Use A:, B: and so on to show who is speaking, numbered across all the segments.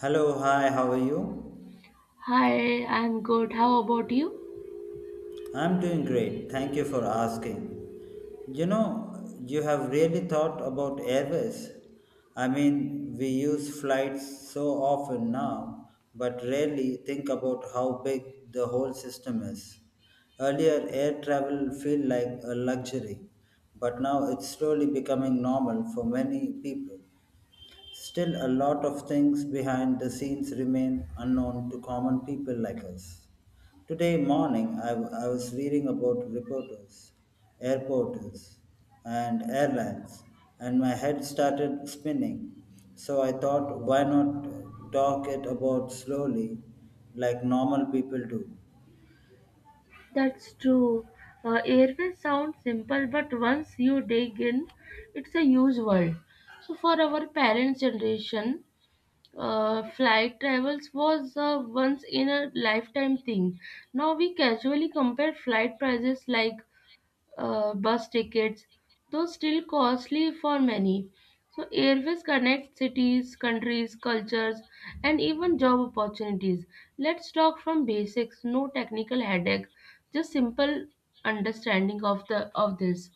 A: Hello, hi, how are you?
B: Hi, I'm good. How about you?
A: I'm doing great. Thank you for asking. You have really thought about Airways. I mean, we use flights so often now, but rarely think about how big the whole system is. Earlier, air travel felt like a luxury, but now it's slowly becoming normal for many people. Still, a lot of things behind the scenes remain unknown to common people like us. Today morning, I was reading about reporters, airporters, and airlines, and my head started spinning. So I thought, why not talk it about slowly, like normal people do?
B: That's true. Airways sound simple, but once you dig in, it's a huge world. So, for our parents' generation, flight travels was a once in a lifetime thing. Now we casually compare flight prices like bus tickets, though still costly for many. So, airways connect cities, countries, cultures, and even job opportunities. Let's talk from basics, no technical headache, just simple understanding of the of this.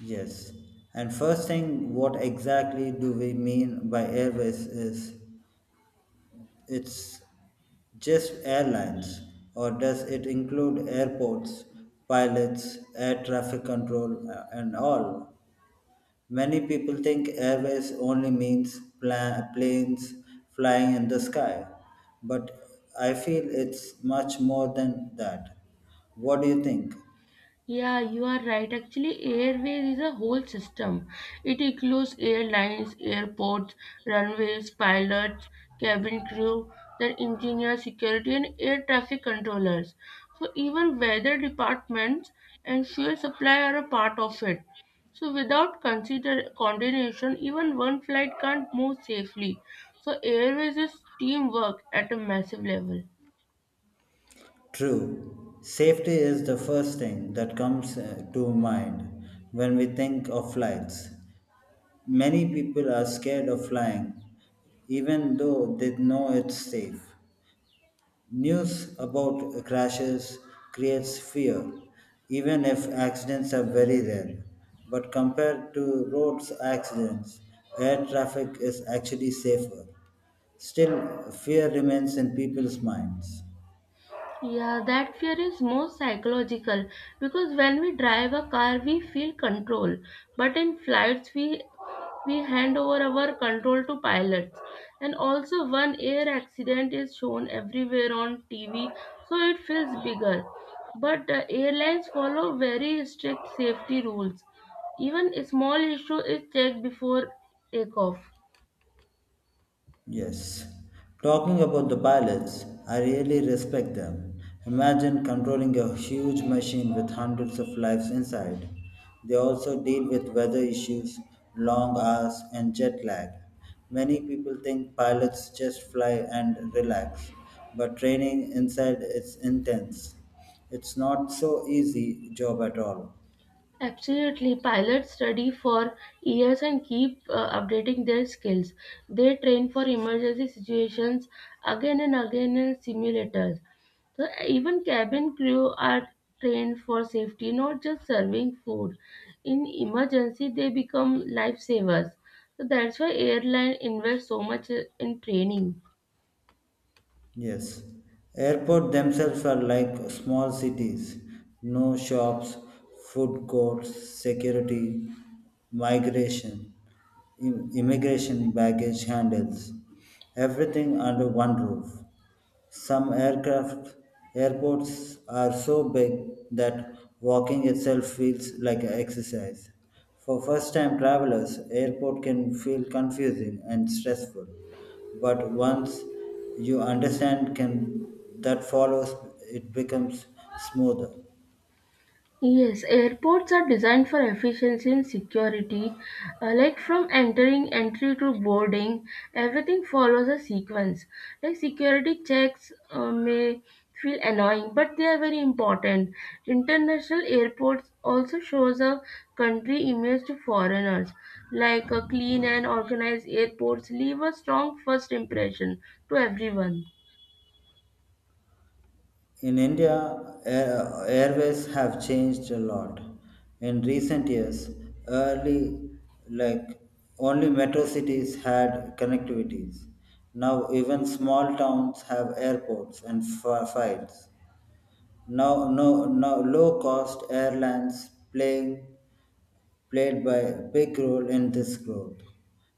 A: Yes. And first thing, what exactly do we mean by airways is it's just airlines, or does it include airports, pilots, air traffic control, and all? Many people think airways only means planes flying in the sky, but I feel it's much more than that. What do you think?
B: Yeah, you are right. Actually, airways is a whole system. It includes airlines, airports, runways, pilots, cabin crew, then engineers, security, and air traffic controllers. So even weather departments and fuel supply are a part of it. So without consider coordination, even one flight can't move safely. So airways is teamwork at a massive level.
A: True, safety is the first thing that comes to mind when we think of flights. Many people are scared of flying, even though they know it's safe. News about crashes creates fear, even if accidents are very rare. But compared to roads accidents, air traffic is actually safer. Still, fear remains in people's minds.
B: Yeah, that fear is more psychological because when we drive a car, we feel control, but in flights, we hand over our control to pilots. And also, one air accident is shown everywhere on TV, so it feels bigger. But airlines follow very strict safety rules. Even a small issue is checked before takeoff.
A: Yes. Talking about the pilots, I really respect them. Imagine controlling a huge machine with hundreds of lives inside. They also deal with weather issues, long hours, and jet lag. Many people think pilots just fly and relax, but training inside is intense. It's not so easy job at all.
B: Absolutely, pilots study for years and keep updating their skills. They train for emergency situations again and again in simulators. So even cabin crew are trained for safety, not just serving food. In emergency, they become lifesavers. So that's why airline invest so much in training.
A: Yes, airports themselves are like small cities. No shops, food courts, security, migration, immigration baggage handles. Everything under one roof. Some aircraft airports are so big that walking itself feels like an exercise. For first-time travelers, airport can feel confusing and stressful, but once you understand can that follows it becomes smoother.
B: Yes, airports are designed for efficiency and security. Like from entering entry to boarding, everything follows a sequence. Like security checks may feel annoying, but they are very important. International airports also shows a country image to foreigners. Like a clean and organized airports leave a strong first impression to everyone.
A: In India, airways have changed a lot. In recent years, early, like only metro cities had connectivities. Now, even small towns have airports and flights. Now, no, now low-cost airlines playing played by a big role in this growth.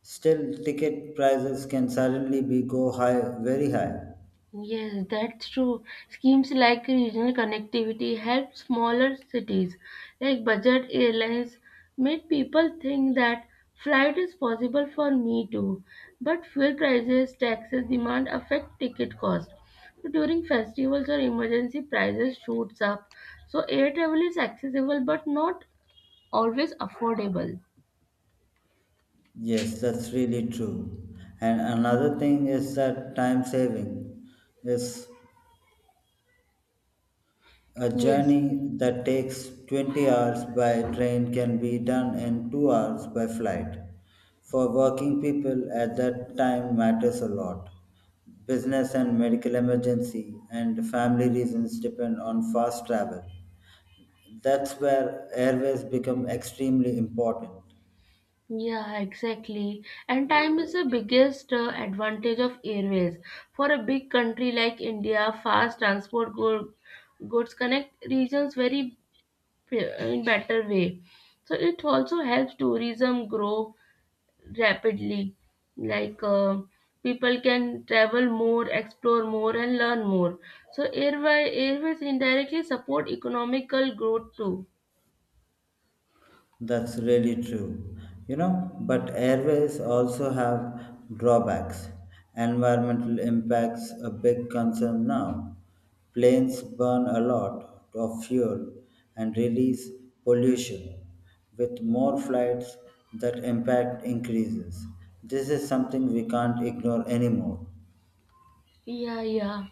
A: Still, ticket prices can suddenly be go high, very high.
B: Yes, that's true. Schemes like regional connectivity help smaller cities, like budget airlines, make people think that flight is possible for me too. But fuel prices, taxes, demand affect ticket cost. So during festivals or emergency, prices shoots up. So air travel is accessible but not always affordable.
A: Yes, that's really true. And another thing is that time saving is a
B: Yes.
A: journey that takes 20 hours by train can be done in 2 hours by flight. For working people at that time matters a lot. Business and medical emergency and family reasons depend on fast travel. That's where airways become extremely important.
B: Yeah, exactly. And time is the biggest advantage of airways. For a big country like India, fast transport goods connect regions very in better way. So it also helps tourism grow rapidly. Like people can travel more, explore more, and learn more. So airways indirectly support economical growth too.
A: That's really true. But airways also have drawbacks. Environmental impacts a big concern now. Planes burn a lot of fuel and release pollution. With more flights, that impact increases. This is something we can't ignore anymore.
B: Yeah, yeah.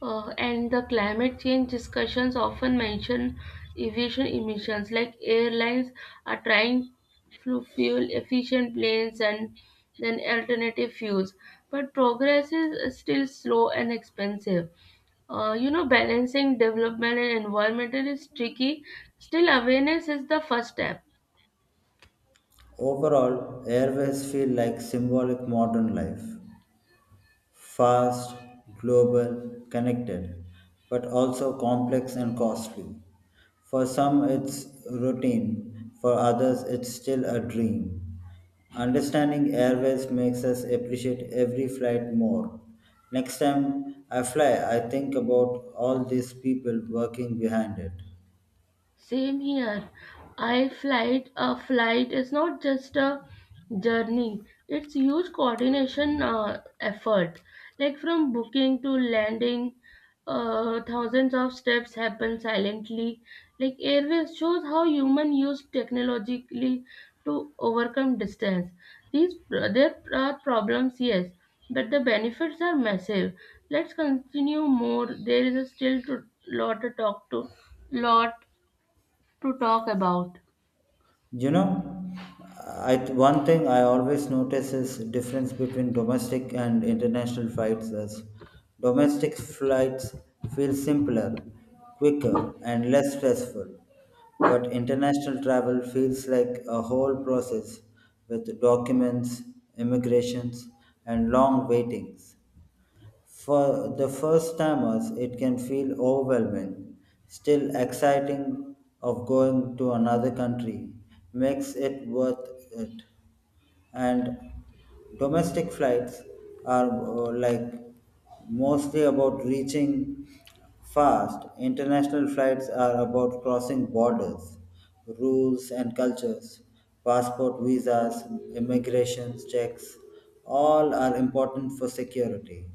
B: And the climate change discussions often mention aviation emissions, like airlines are trying to fuel efficient planes and then alternative fuels. But progress is still slow and expensive. You know, balancing development and environmental is tricky. Still, awareness is the first step.
A: Overall, airways feel like symbolic modern life. Fast, global, connected, but also complex and costly. For some, it's routine, for others, it's still a dream. Understanding airways makes us appreciate every flight more. Next time I fly, I think about all these people working behind it.
B: Same here. I flight a flight is not just a journey. It's huge coordination effort. Like from booking to landing, thousands of steps happen silently. Like airways shows how human use technologically to overcome distance. These There are problems, yes, but the benefits are massive. Let's continue more. There is still to lot to talk to. Lot to talk about.
A: You know, one thing I always notice is difference between domestic and international flights. Is domestic flights feel simpler, quicker, and less stressful, but international travel feels like a whole process with documents, immigrations, and long waitings. For the first timers, it can feel overwhelming. Still, exciting of going to another country makes it worth it. And domestic flights are like mostly about reaching fast. International flights are about crossing borders, rules and cultures, passport, visas, immigration checks. All are important for security.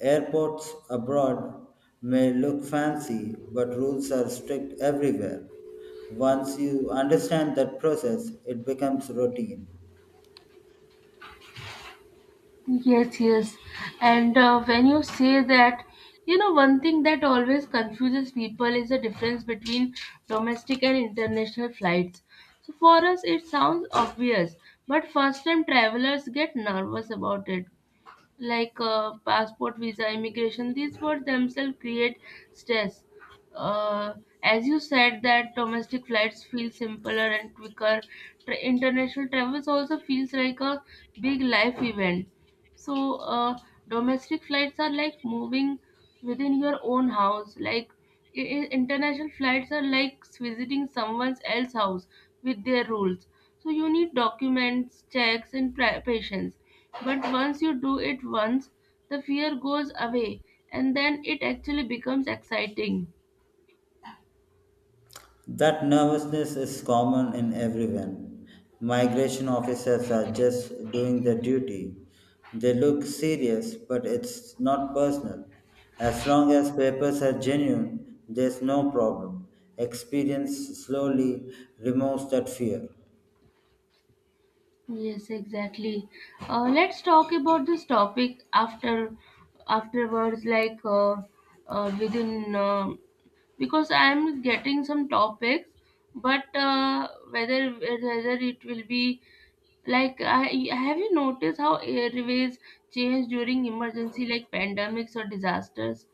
A: Airports abroad may look fancy, but rules are strict everywhere. Once you understand that process, it becomes routine.
B: Yes, yes. And when you say that, you know, one thing that always confuses people is the difference between domestic and international flights. So for us, it sounds obvious, but first time travelers get nervous about it. Like passport, visa, immigration, these words themselves create stress. Uh, as you said, that domestic flights feel simpler and quicker. International travels also feels like a big life event. So, domestic flights are like moving within your own house. Like international flights are like visiting someone else's house with their rules. So you need documents, checks, and patience. But once you do it once, the fear goes away, and then it actually becomes exciting.
A: That nervousness is common in everyone. Migration officers are just doing their duty. They look serious, but it's not personal. As long as papers are genuine, there's no problem. Experience slowly removes that fear.
B: Yes, exactly. Let's talk about this topic after afterwards, like within because I am getting some topics, but uh, whether it will be like I, have you noticed how airways change during emergency like pandemics or disasters?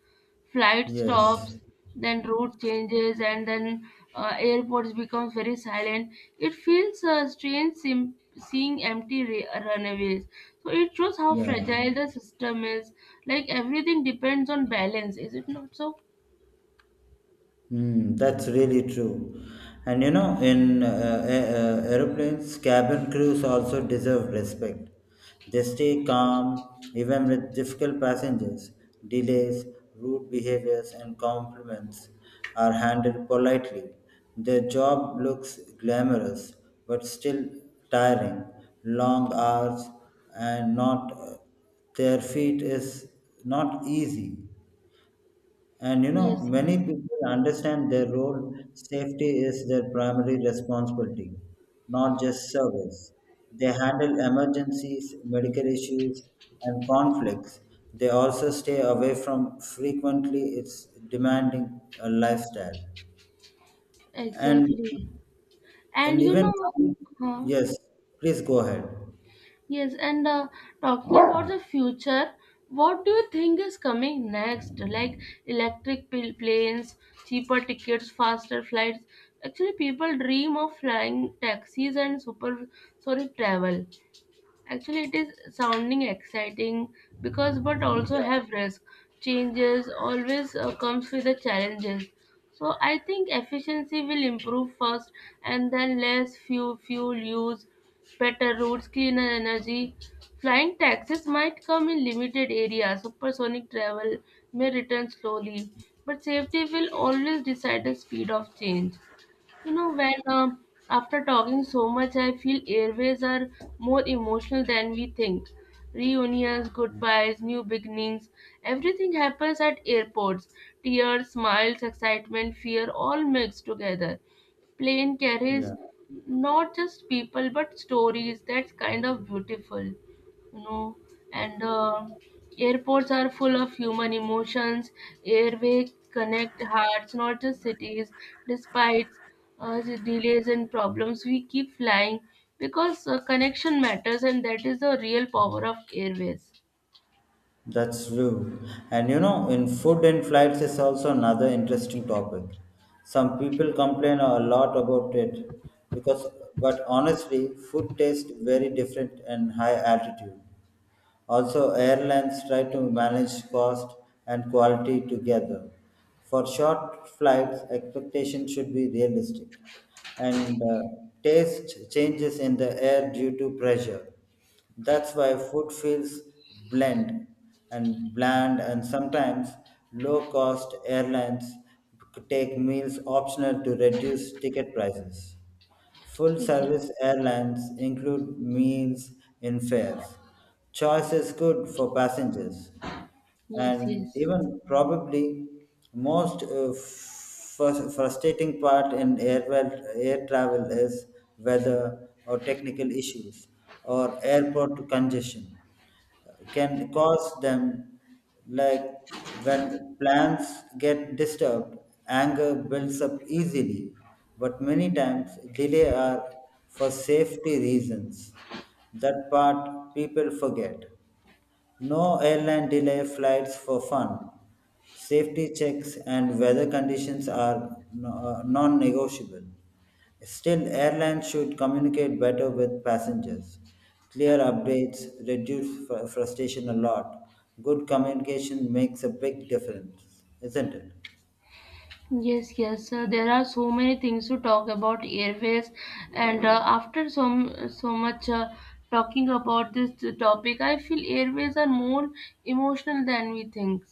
B: Flight
A: Yes,
B: stops, then route changes, and then airports becomes very silent. It feels strange, seeing empty runaways. So it shows how
A: yeah.
B: fragile the system is. Like everything depends on balance, is it not so?
A: Mm, that's really true. And in aeroplanes, cabin crews also deserve respect. They stay calm even with difficult passengers. Delays, rude behaviors, and compliments are handled politely. Their job looks glamorous but still tiring. Long hours and not their feet is not easy and
B: Yes,
A: many
B: yes.
A: people understand their role, safety is their primary responsibility, not just service. They handle emergencies, medical issues, and conflicts. They also stay away from frequently it's demanding a lifestyle. And
B: Exactly. And
A: and
B: you
A: even
B: know, huh?
A: yes, please go ahead.
B: Yes, and talking about the future, what do you think is coming next? Like electric planes, cheaper tickets, faster flights. Actually, people dream of flying taxis and super, sorry, travel. Actually, it is sounding exciting because, but also
A: Yeah,
B: have risk. Changes always comes with the challenges. So I think efficiency will improve first, and then less fuel use, better routes, cleaner energy. Flying taxis might come in limited areas. Supersonic travel may return slowly, but safety will always decide the speed of change. You know, when after talking so much, I feel airways are more emotional than we think. Reunions, goodbyes, new beginnings, everything happens at airports. Tears, smiles, excitement, fear, all mixed together. Plane carries
A: yeah.
B: not just people but stories. That's kind of beautiful, you know. And airports are full of human emotions. Airway connect hearts, not just cities. Despite the delays and problems, we keep flying because connection matters, and that is the real power of airways.
A: That's true. And in food and flights is also another interesting topic. Some people complain a lot about it because, but honestly, food tastes very different in high altitude. Also, airlines try to manage cost and quality together. For short flights, expectations should be realistic, and taste changes in the air due to pressure. That's why food feels blend and bland, and sometimes low cost airlines take meals optional to reduce ticket prices. Full
B: Yeah.
A: service airlines include meals in fares. Choice is good for passengers
B: Yes,
A: and
B: yes.
A: even probably most frustrating part in air, well, air travel is weather or technical issues or airport congestion can cause them, like when plans get disturbed anger builds up easily but many times delay are for safety reasons that part people forget. No airline delay flights for fun. Safety checks and weather conditions are non-negotiable. Still, airlines should communicate better with passengers. Clear updates reduce frustration a lot. Good communication makes a big difference, isn't it?
B: Yes, yes. There are so many things to talk about airways, and after so much talking about this topic, I feel airways are more emotional than we think,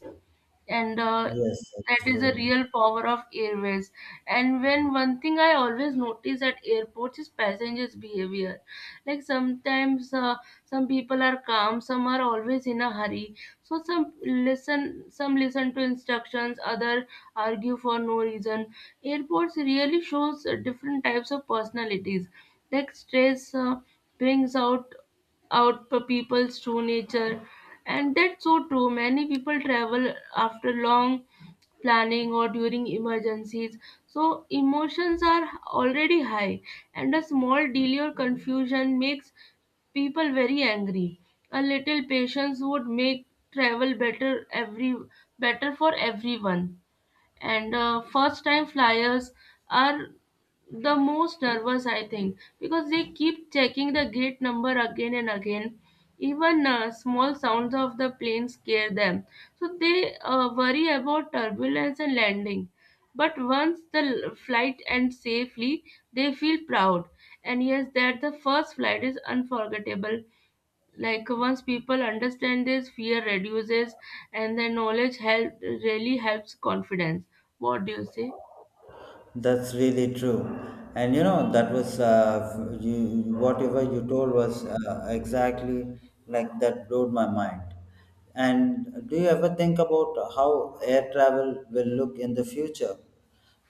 B: and
A: Yes,
B: that
A: that's
B: is the
A: true.
B: real power of airways. And when one thing I always notice at airports is passengers' behavior. Like sometimes some people are calm, some are always in a hurry, so some listen to instructions, other argue for no reason. Airports really shows different types of personalities. Like stress brings out people's true nature. And that's so true. Many people travel after long planning or during emergencies, so emotions are already high, and a small delay or confusion makes people very angry. A little patience would make travel better every better for everyone. And first time flyers are the most nervous, I think, because they keep checking the gate number again and again. Even small sounds of the plane scare them. So they worry about turbulence and landing. But once the flight ends safely, they feel proud. And yes, that the first flight is unforgettable. Like once people understand, this fear reduces, and the knowledge help really helps confidence. What do you say?
A: That's really true. And that was you, whatever you told was exactly like that blew my mind. And do you ever think about how air travel will look in the future?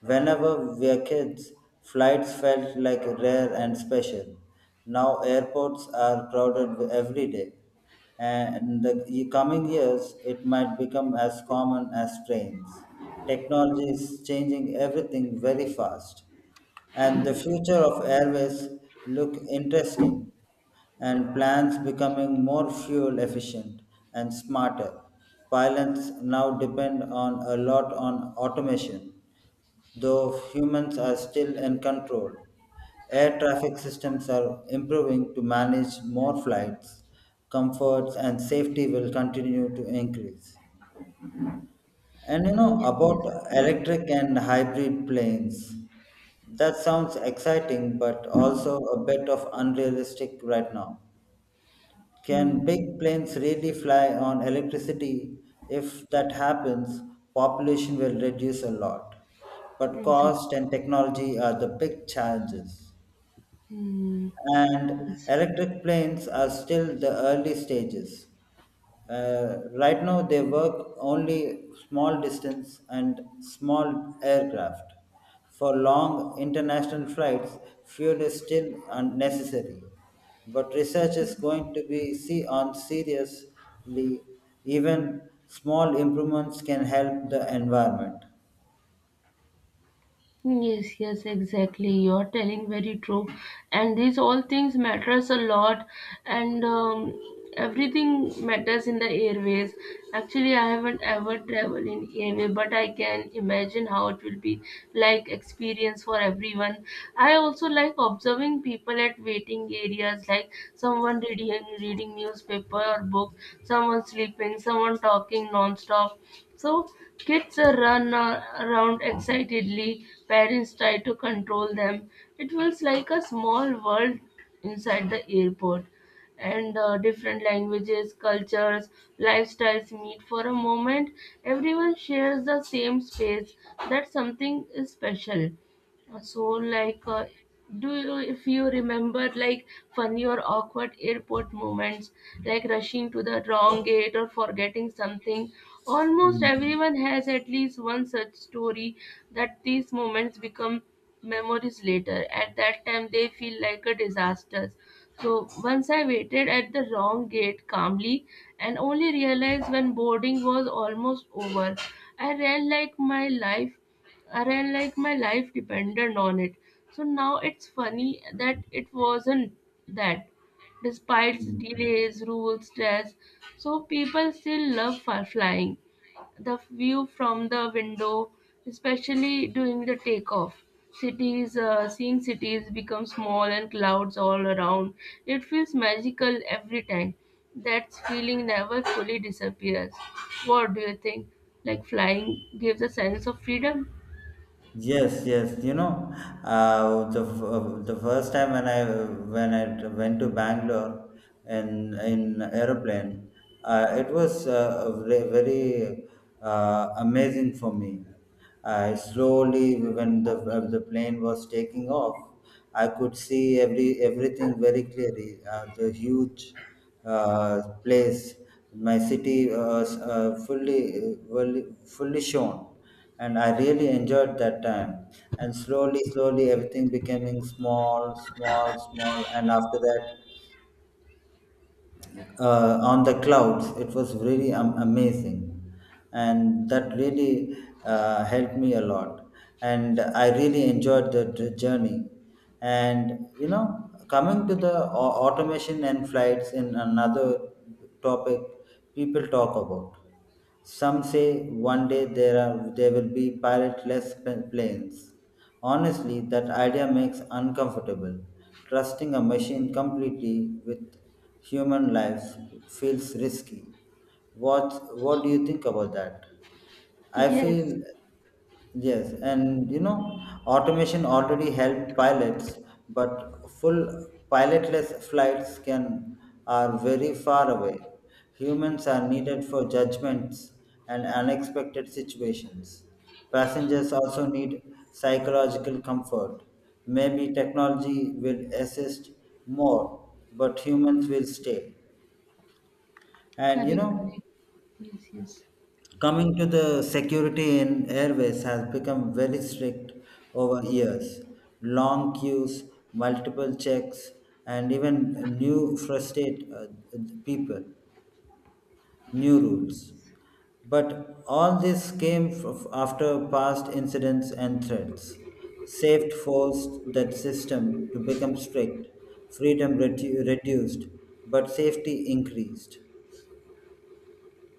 A: Whenever we were kids, flights felt like rare and special. Now airports are crowded every day and the coming years it might become as common as trains. Technology is changing everything very fast, and the future of airways look interesting, and plans becoming more fuel efficient and smarter. Pilots now depend on a lot on automation though humans are still in control. Air traffic systems are improving to manage more flights. Comforts and safety will continue to increase. And you know
B: Yes, yes.
A: about electric and hybrid planes. That sounds exciting, but also a bit of unrealistic right now.
B: Hmm.
A: Can big planes really fly on electricity? If that happens, population will reduce a lot. But
B: Exactly.
A: cost and technology are the big challenges.
B: Hmm.
A: And
B: Yes.
A: electric planes are still the early stages. Right now, they work only small distance and small aircraft. For long international flights, fuel is still unnecessary. But research is going to be see on seriously. Even small improvements can help the environment.
B: Yes, yes, exactly. You're telling very true. And these all things matters a lot, and everything matters in the airways. Actually, I haven't ever traveled in airway, but I can imagine how it will be like experience for everyone. I also like observing people at waiting areas, like someone reading newspaper or book, someone sleeping, someone talking non-stop. So kids run around excitedly, parents try to control them. It feels like a small world inside the airport. And different languages, cultures, lifestyles meet for a moment. Everyone shares the same space. That's something special. So, do you, if you remember, like, funny or awkward airport moments, like rushing to the wrong gate or forgetting something, almost
A: Hmm.
B: everyone has at least one such story. That these moments become memories later. At that time, they feel like a disaster. So, once I waited at the wrong gate calmly and only realized when boarding was almost over. I ran like my life Array, like my life depended on it. So now it's funny that it wasn't that. Despite
A: Hmm.
B: delays, rules, stress, so people still love flying. The view from the window, especially during the takeoff. Seeing cities become small and clouds all around. It feels magical every time. That feeling never fully disappears. What do you think? Like flying gives a sense of freedom?
A: Yes, yes. The the first time when I went to Bangalore in aeroplane, it was very, very amazing for me. I slowly, when the plane was taking off, I could see everything very clearly. The huge place, my city fully shown and I really enjoyed that time. And slowly, slowly, everything becoming small, small, small, and after that, on the clouds, it was really amazing, and that really helped me a lot. And I really enjoyed the journey. And coming to the automation and flights in another topic, people talk about. Some say one day there will be pilotless planes. Honestly, that idea makes uncomfortable. Trusting a machine completely with human lives feels risky. What do you think about that? I
B: Yes,
A: feel. Yes, and automation already help pilots, but full pilotless flights can are very far away. Humans are needed for judgments and unexpected situations. Passengers also need psychological comfort. Maybe technology will assist more, but humans will stay. And you
B: correct, correct.
A: know,
B: Yes, yes,
A: Coming to the security in airways has become very strict over years. Long queues, multiple checks, and even new frustrate people, new rules. But all this came after past incidents and threats. Safety forced that system to become strict, freedom reduced, but safety increased.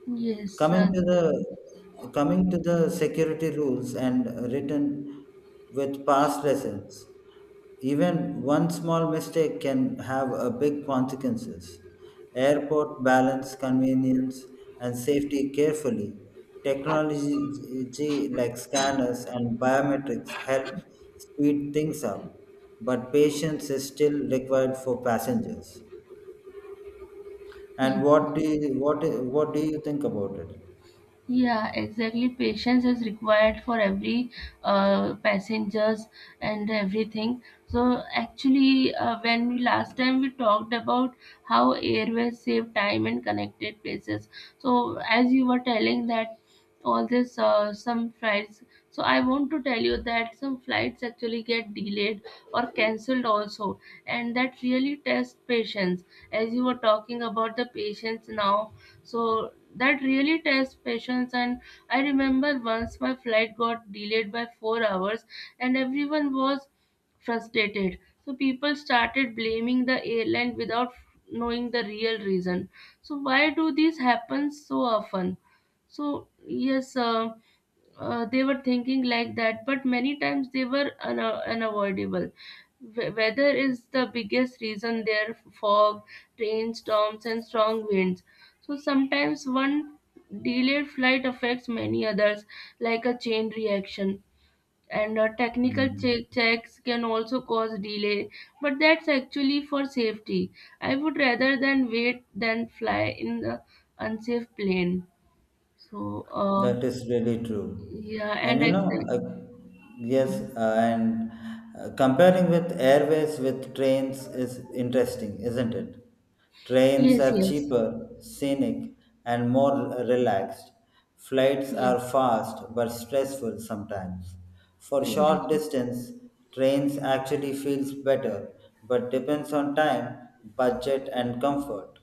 B: yes,
A: Coming
B: sir.
A: to the coming to the security rules and written with past lessons, even one small mistake can have a big consequences. Airport balance convenience and safety carefully. Technology like scanners and biometrics help speed things up, but patience is still required for passengers. And what
B: Exactly.
A: do you, what do you think about it?
B: Yeah, exactly. Patience is required for every passengers and everything. So actually, when we last time we talked about how airways save time and connected places. So as you were telling that all this some flights. So I want to tell you that some flights actually get delayed or cancelled also, and that really tests patience. As you were talking about the patience now, so that really tests patience. And I remember once my flight got delayed by 4 hours, and everyone was frustrated. So people started blaming the airline without knowing the real reason. So why do these happen so often? So yes, they were thinking like that, but many times they were unavoidable. Weather is the biggest reason, there fog, rainstorms, and strong winds. So sometimes one delayed flight affects many others, like a chain reaction. And technical
A: Hmm.
B: checks can also cause delay, but that's actually for safety. I would rather than wait than fly in the unsafe plane. So
A: That is really true.
B: yeah,
A: And
B: and
A: you know,
B: exactly.
A: yes, and comparing with airways with trains is interesting, isn't it? Trains
B: Yes,
A: are
B: yes,
A: cheaper, scenic, and more relaxed. Flights are
B: yes,
A: fast but stressful sometimes. For short
B: exactly,
A: distance, trains actually feels better, but depends on time, budget, and comfort.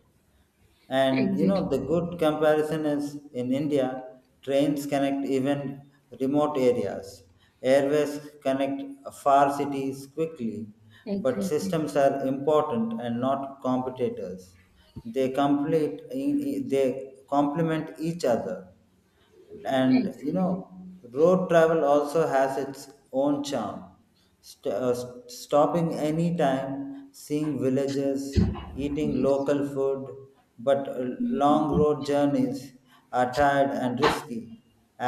A: And you
B: exactly,
A: know, the good comparison is in India, trains connect even remote areas. Airways connect far cities quickly, but
B: exactly,
A: systems are important and not competitors. They complement each other and
B: exactly.
A: road travel also has its own charm. Stopping any time seeing villages eating
B: Yes.
A: local food but long
B: Hmm.
A: road journeys are tired and risky.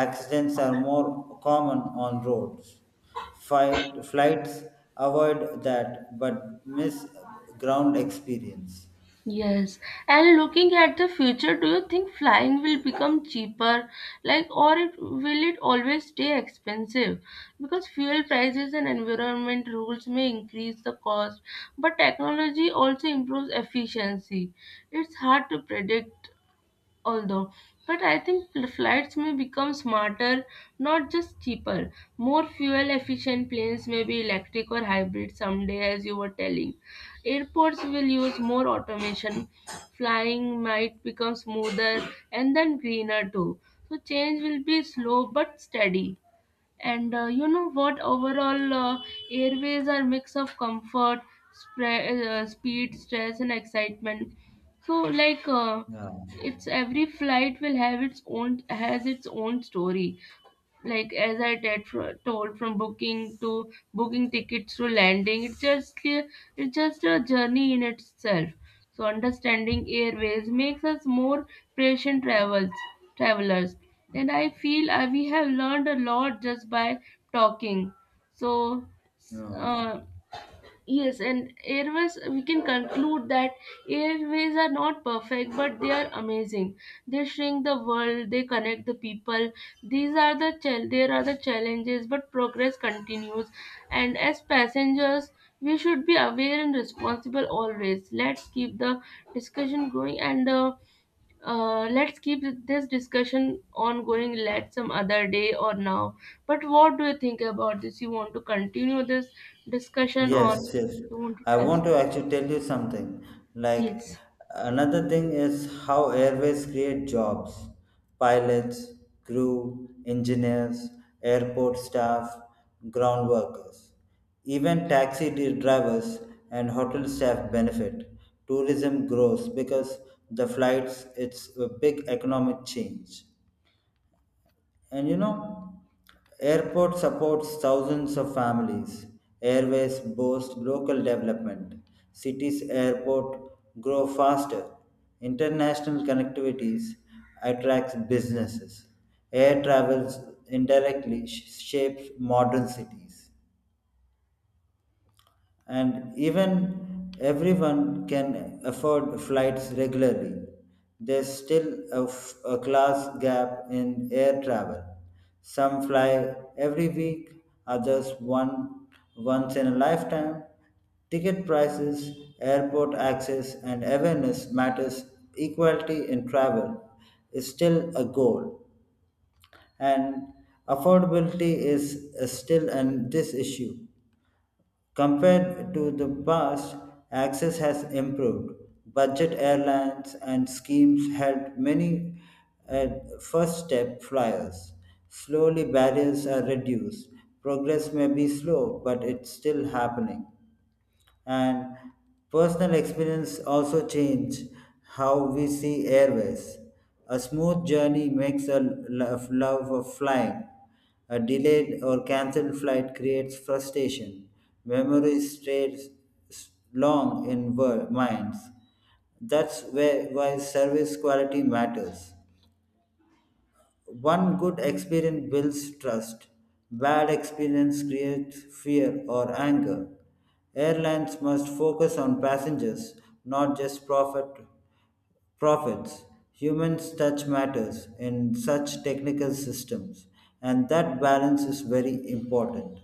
A: Accidents are more common on roads. Flights avoid that but miss ground experience.
B: Yes. And looking at the future, do you think flying will become cheaper, like, or it will it always stay expensive? Because fuel prices and environment rules may increase the cost, but technology also improves efficiency. It's hard to predict, although but I think flights may become smarter, not just cheaper. More fuel efficient planes may be electric or hybrid someday, as you were telling. Airports will use more automation. Flying might become smoother and then greener too. So change will be slow but steady. And you know what, overall airways are mix of comfort, speed, stress, and excitement. So like
A: Yeah.
B: it's every flight will have its own has its own story. Like as I t- told, from booking tickets to landing, it's it's just a journey in itself. So understanding airways makes us more patient travels travelers, and I feel we have learned a lot just by talking. So s-
A: Yeah.
B: uh, yes, and airways, we can conclude that airways are not perfect, but they are amazing. They shrink the world, they connect the people. These are the chal- There are the challenges, but progress continues. And as passengers, we should be aware and responsible always. Let's keep the discussion going. And let's keep this discussion ongoing, let some other day or now. But what do you think about this? You want to continue this discussion
A: Yes,
B: or
A: yes.
B: you want to
A: I
B: tell
A: want to
B: something?
A: actually tell you something. Like
B: Yes.
A: another thing is how airways create jobs. Pilots, crew, engineers, airport staff, ground workers. Even taxi drivers and hotel staff benefit. Tourism grows because the flights it's a big economic change. And airport supports thousands of families. Airways boost local development. Cities airport grow faster. International connectivities attracts businesses. Air travels indirectly shapes modern cities and even everyone can afford flights regularly. There's still a class gap in air travel. Some fly every week, others one once in a lifetime. Ticket prices, airport access, and awareness matters. Equality in travel is still a goal, and affordability is still an this issue. Compared to the past, access has improved. Budget airlines and schemes had many uh, first step flyers. Slowly, barriers are reduced. Progress may be slow, but it's still happening and personal experience also change how we see airways. A smooth journey makes a love of flying. A delayed or cancelled flight creates frustration. Memories stays long in minds. That's where why service quality matters. One good experience builds trust. Bad experience creates fear or anger. Airlines must focus on passengers, not just profits. Humans touch matters in such technical systems, and that balance is very important.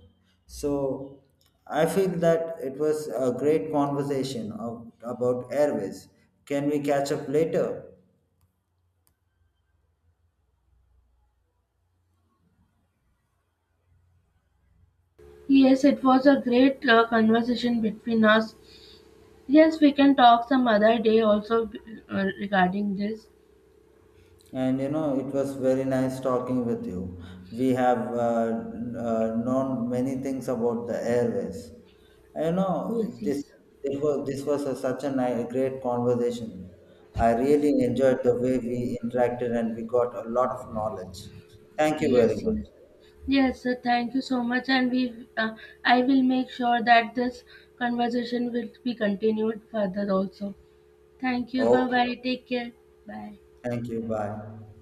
A: So I feel that it was a great conversation of, about airways. Can we catch up later?
B: Yes, it was a great conversation between us. Yes, we can talk some other day also regarding this.
A: And it was very nice talking with you. We have known many things about the airways. You know,
B: Yes,
A: this
B: yes.
A: this was a, such a great conversation. I really enjoyed the way we interacted, and we got a lot of knowledge. Thank you very
B: Yes,
A: much.
B: yes. Yes, sir, thank you so much. And we, I will make sure that this conversation will be continued further also. Thank you. Bye
A: Oh,
B: bye. Take care. Bye.
A: thank you. Bye.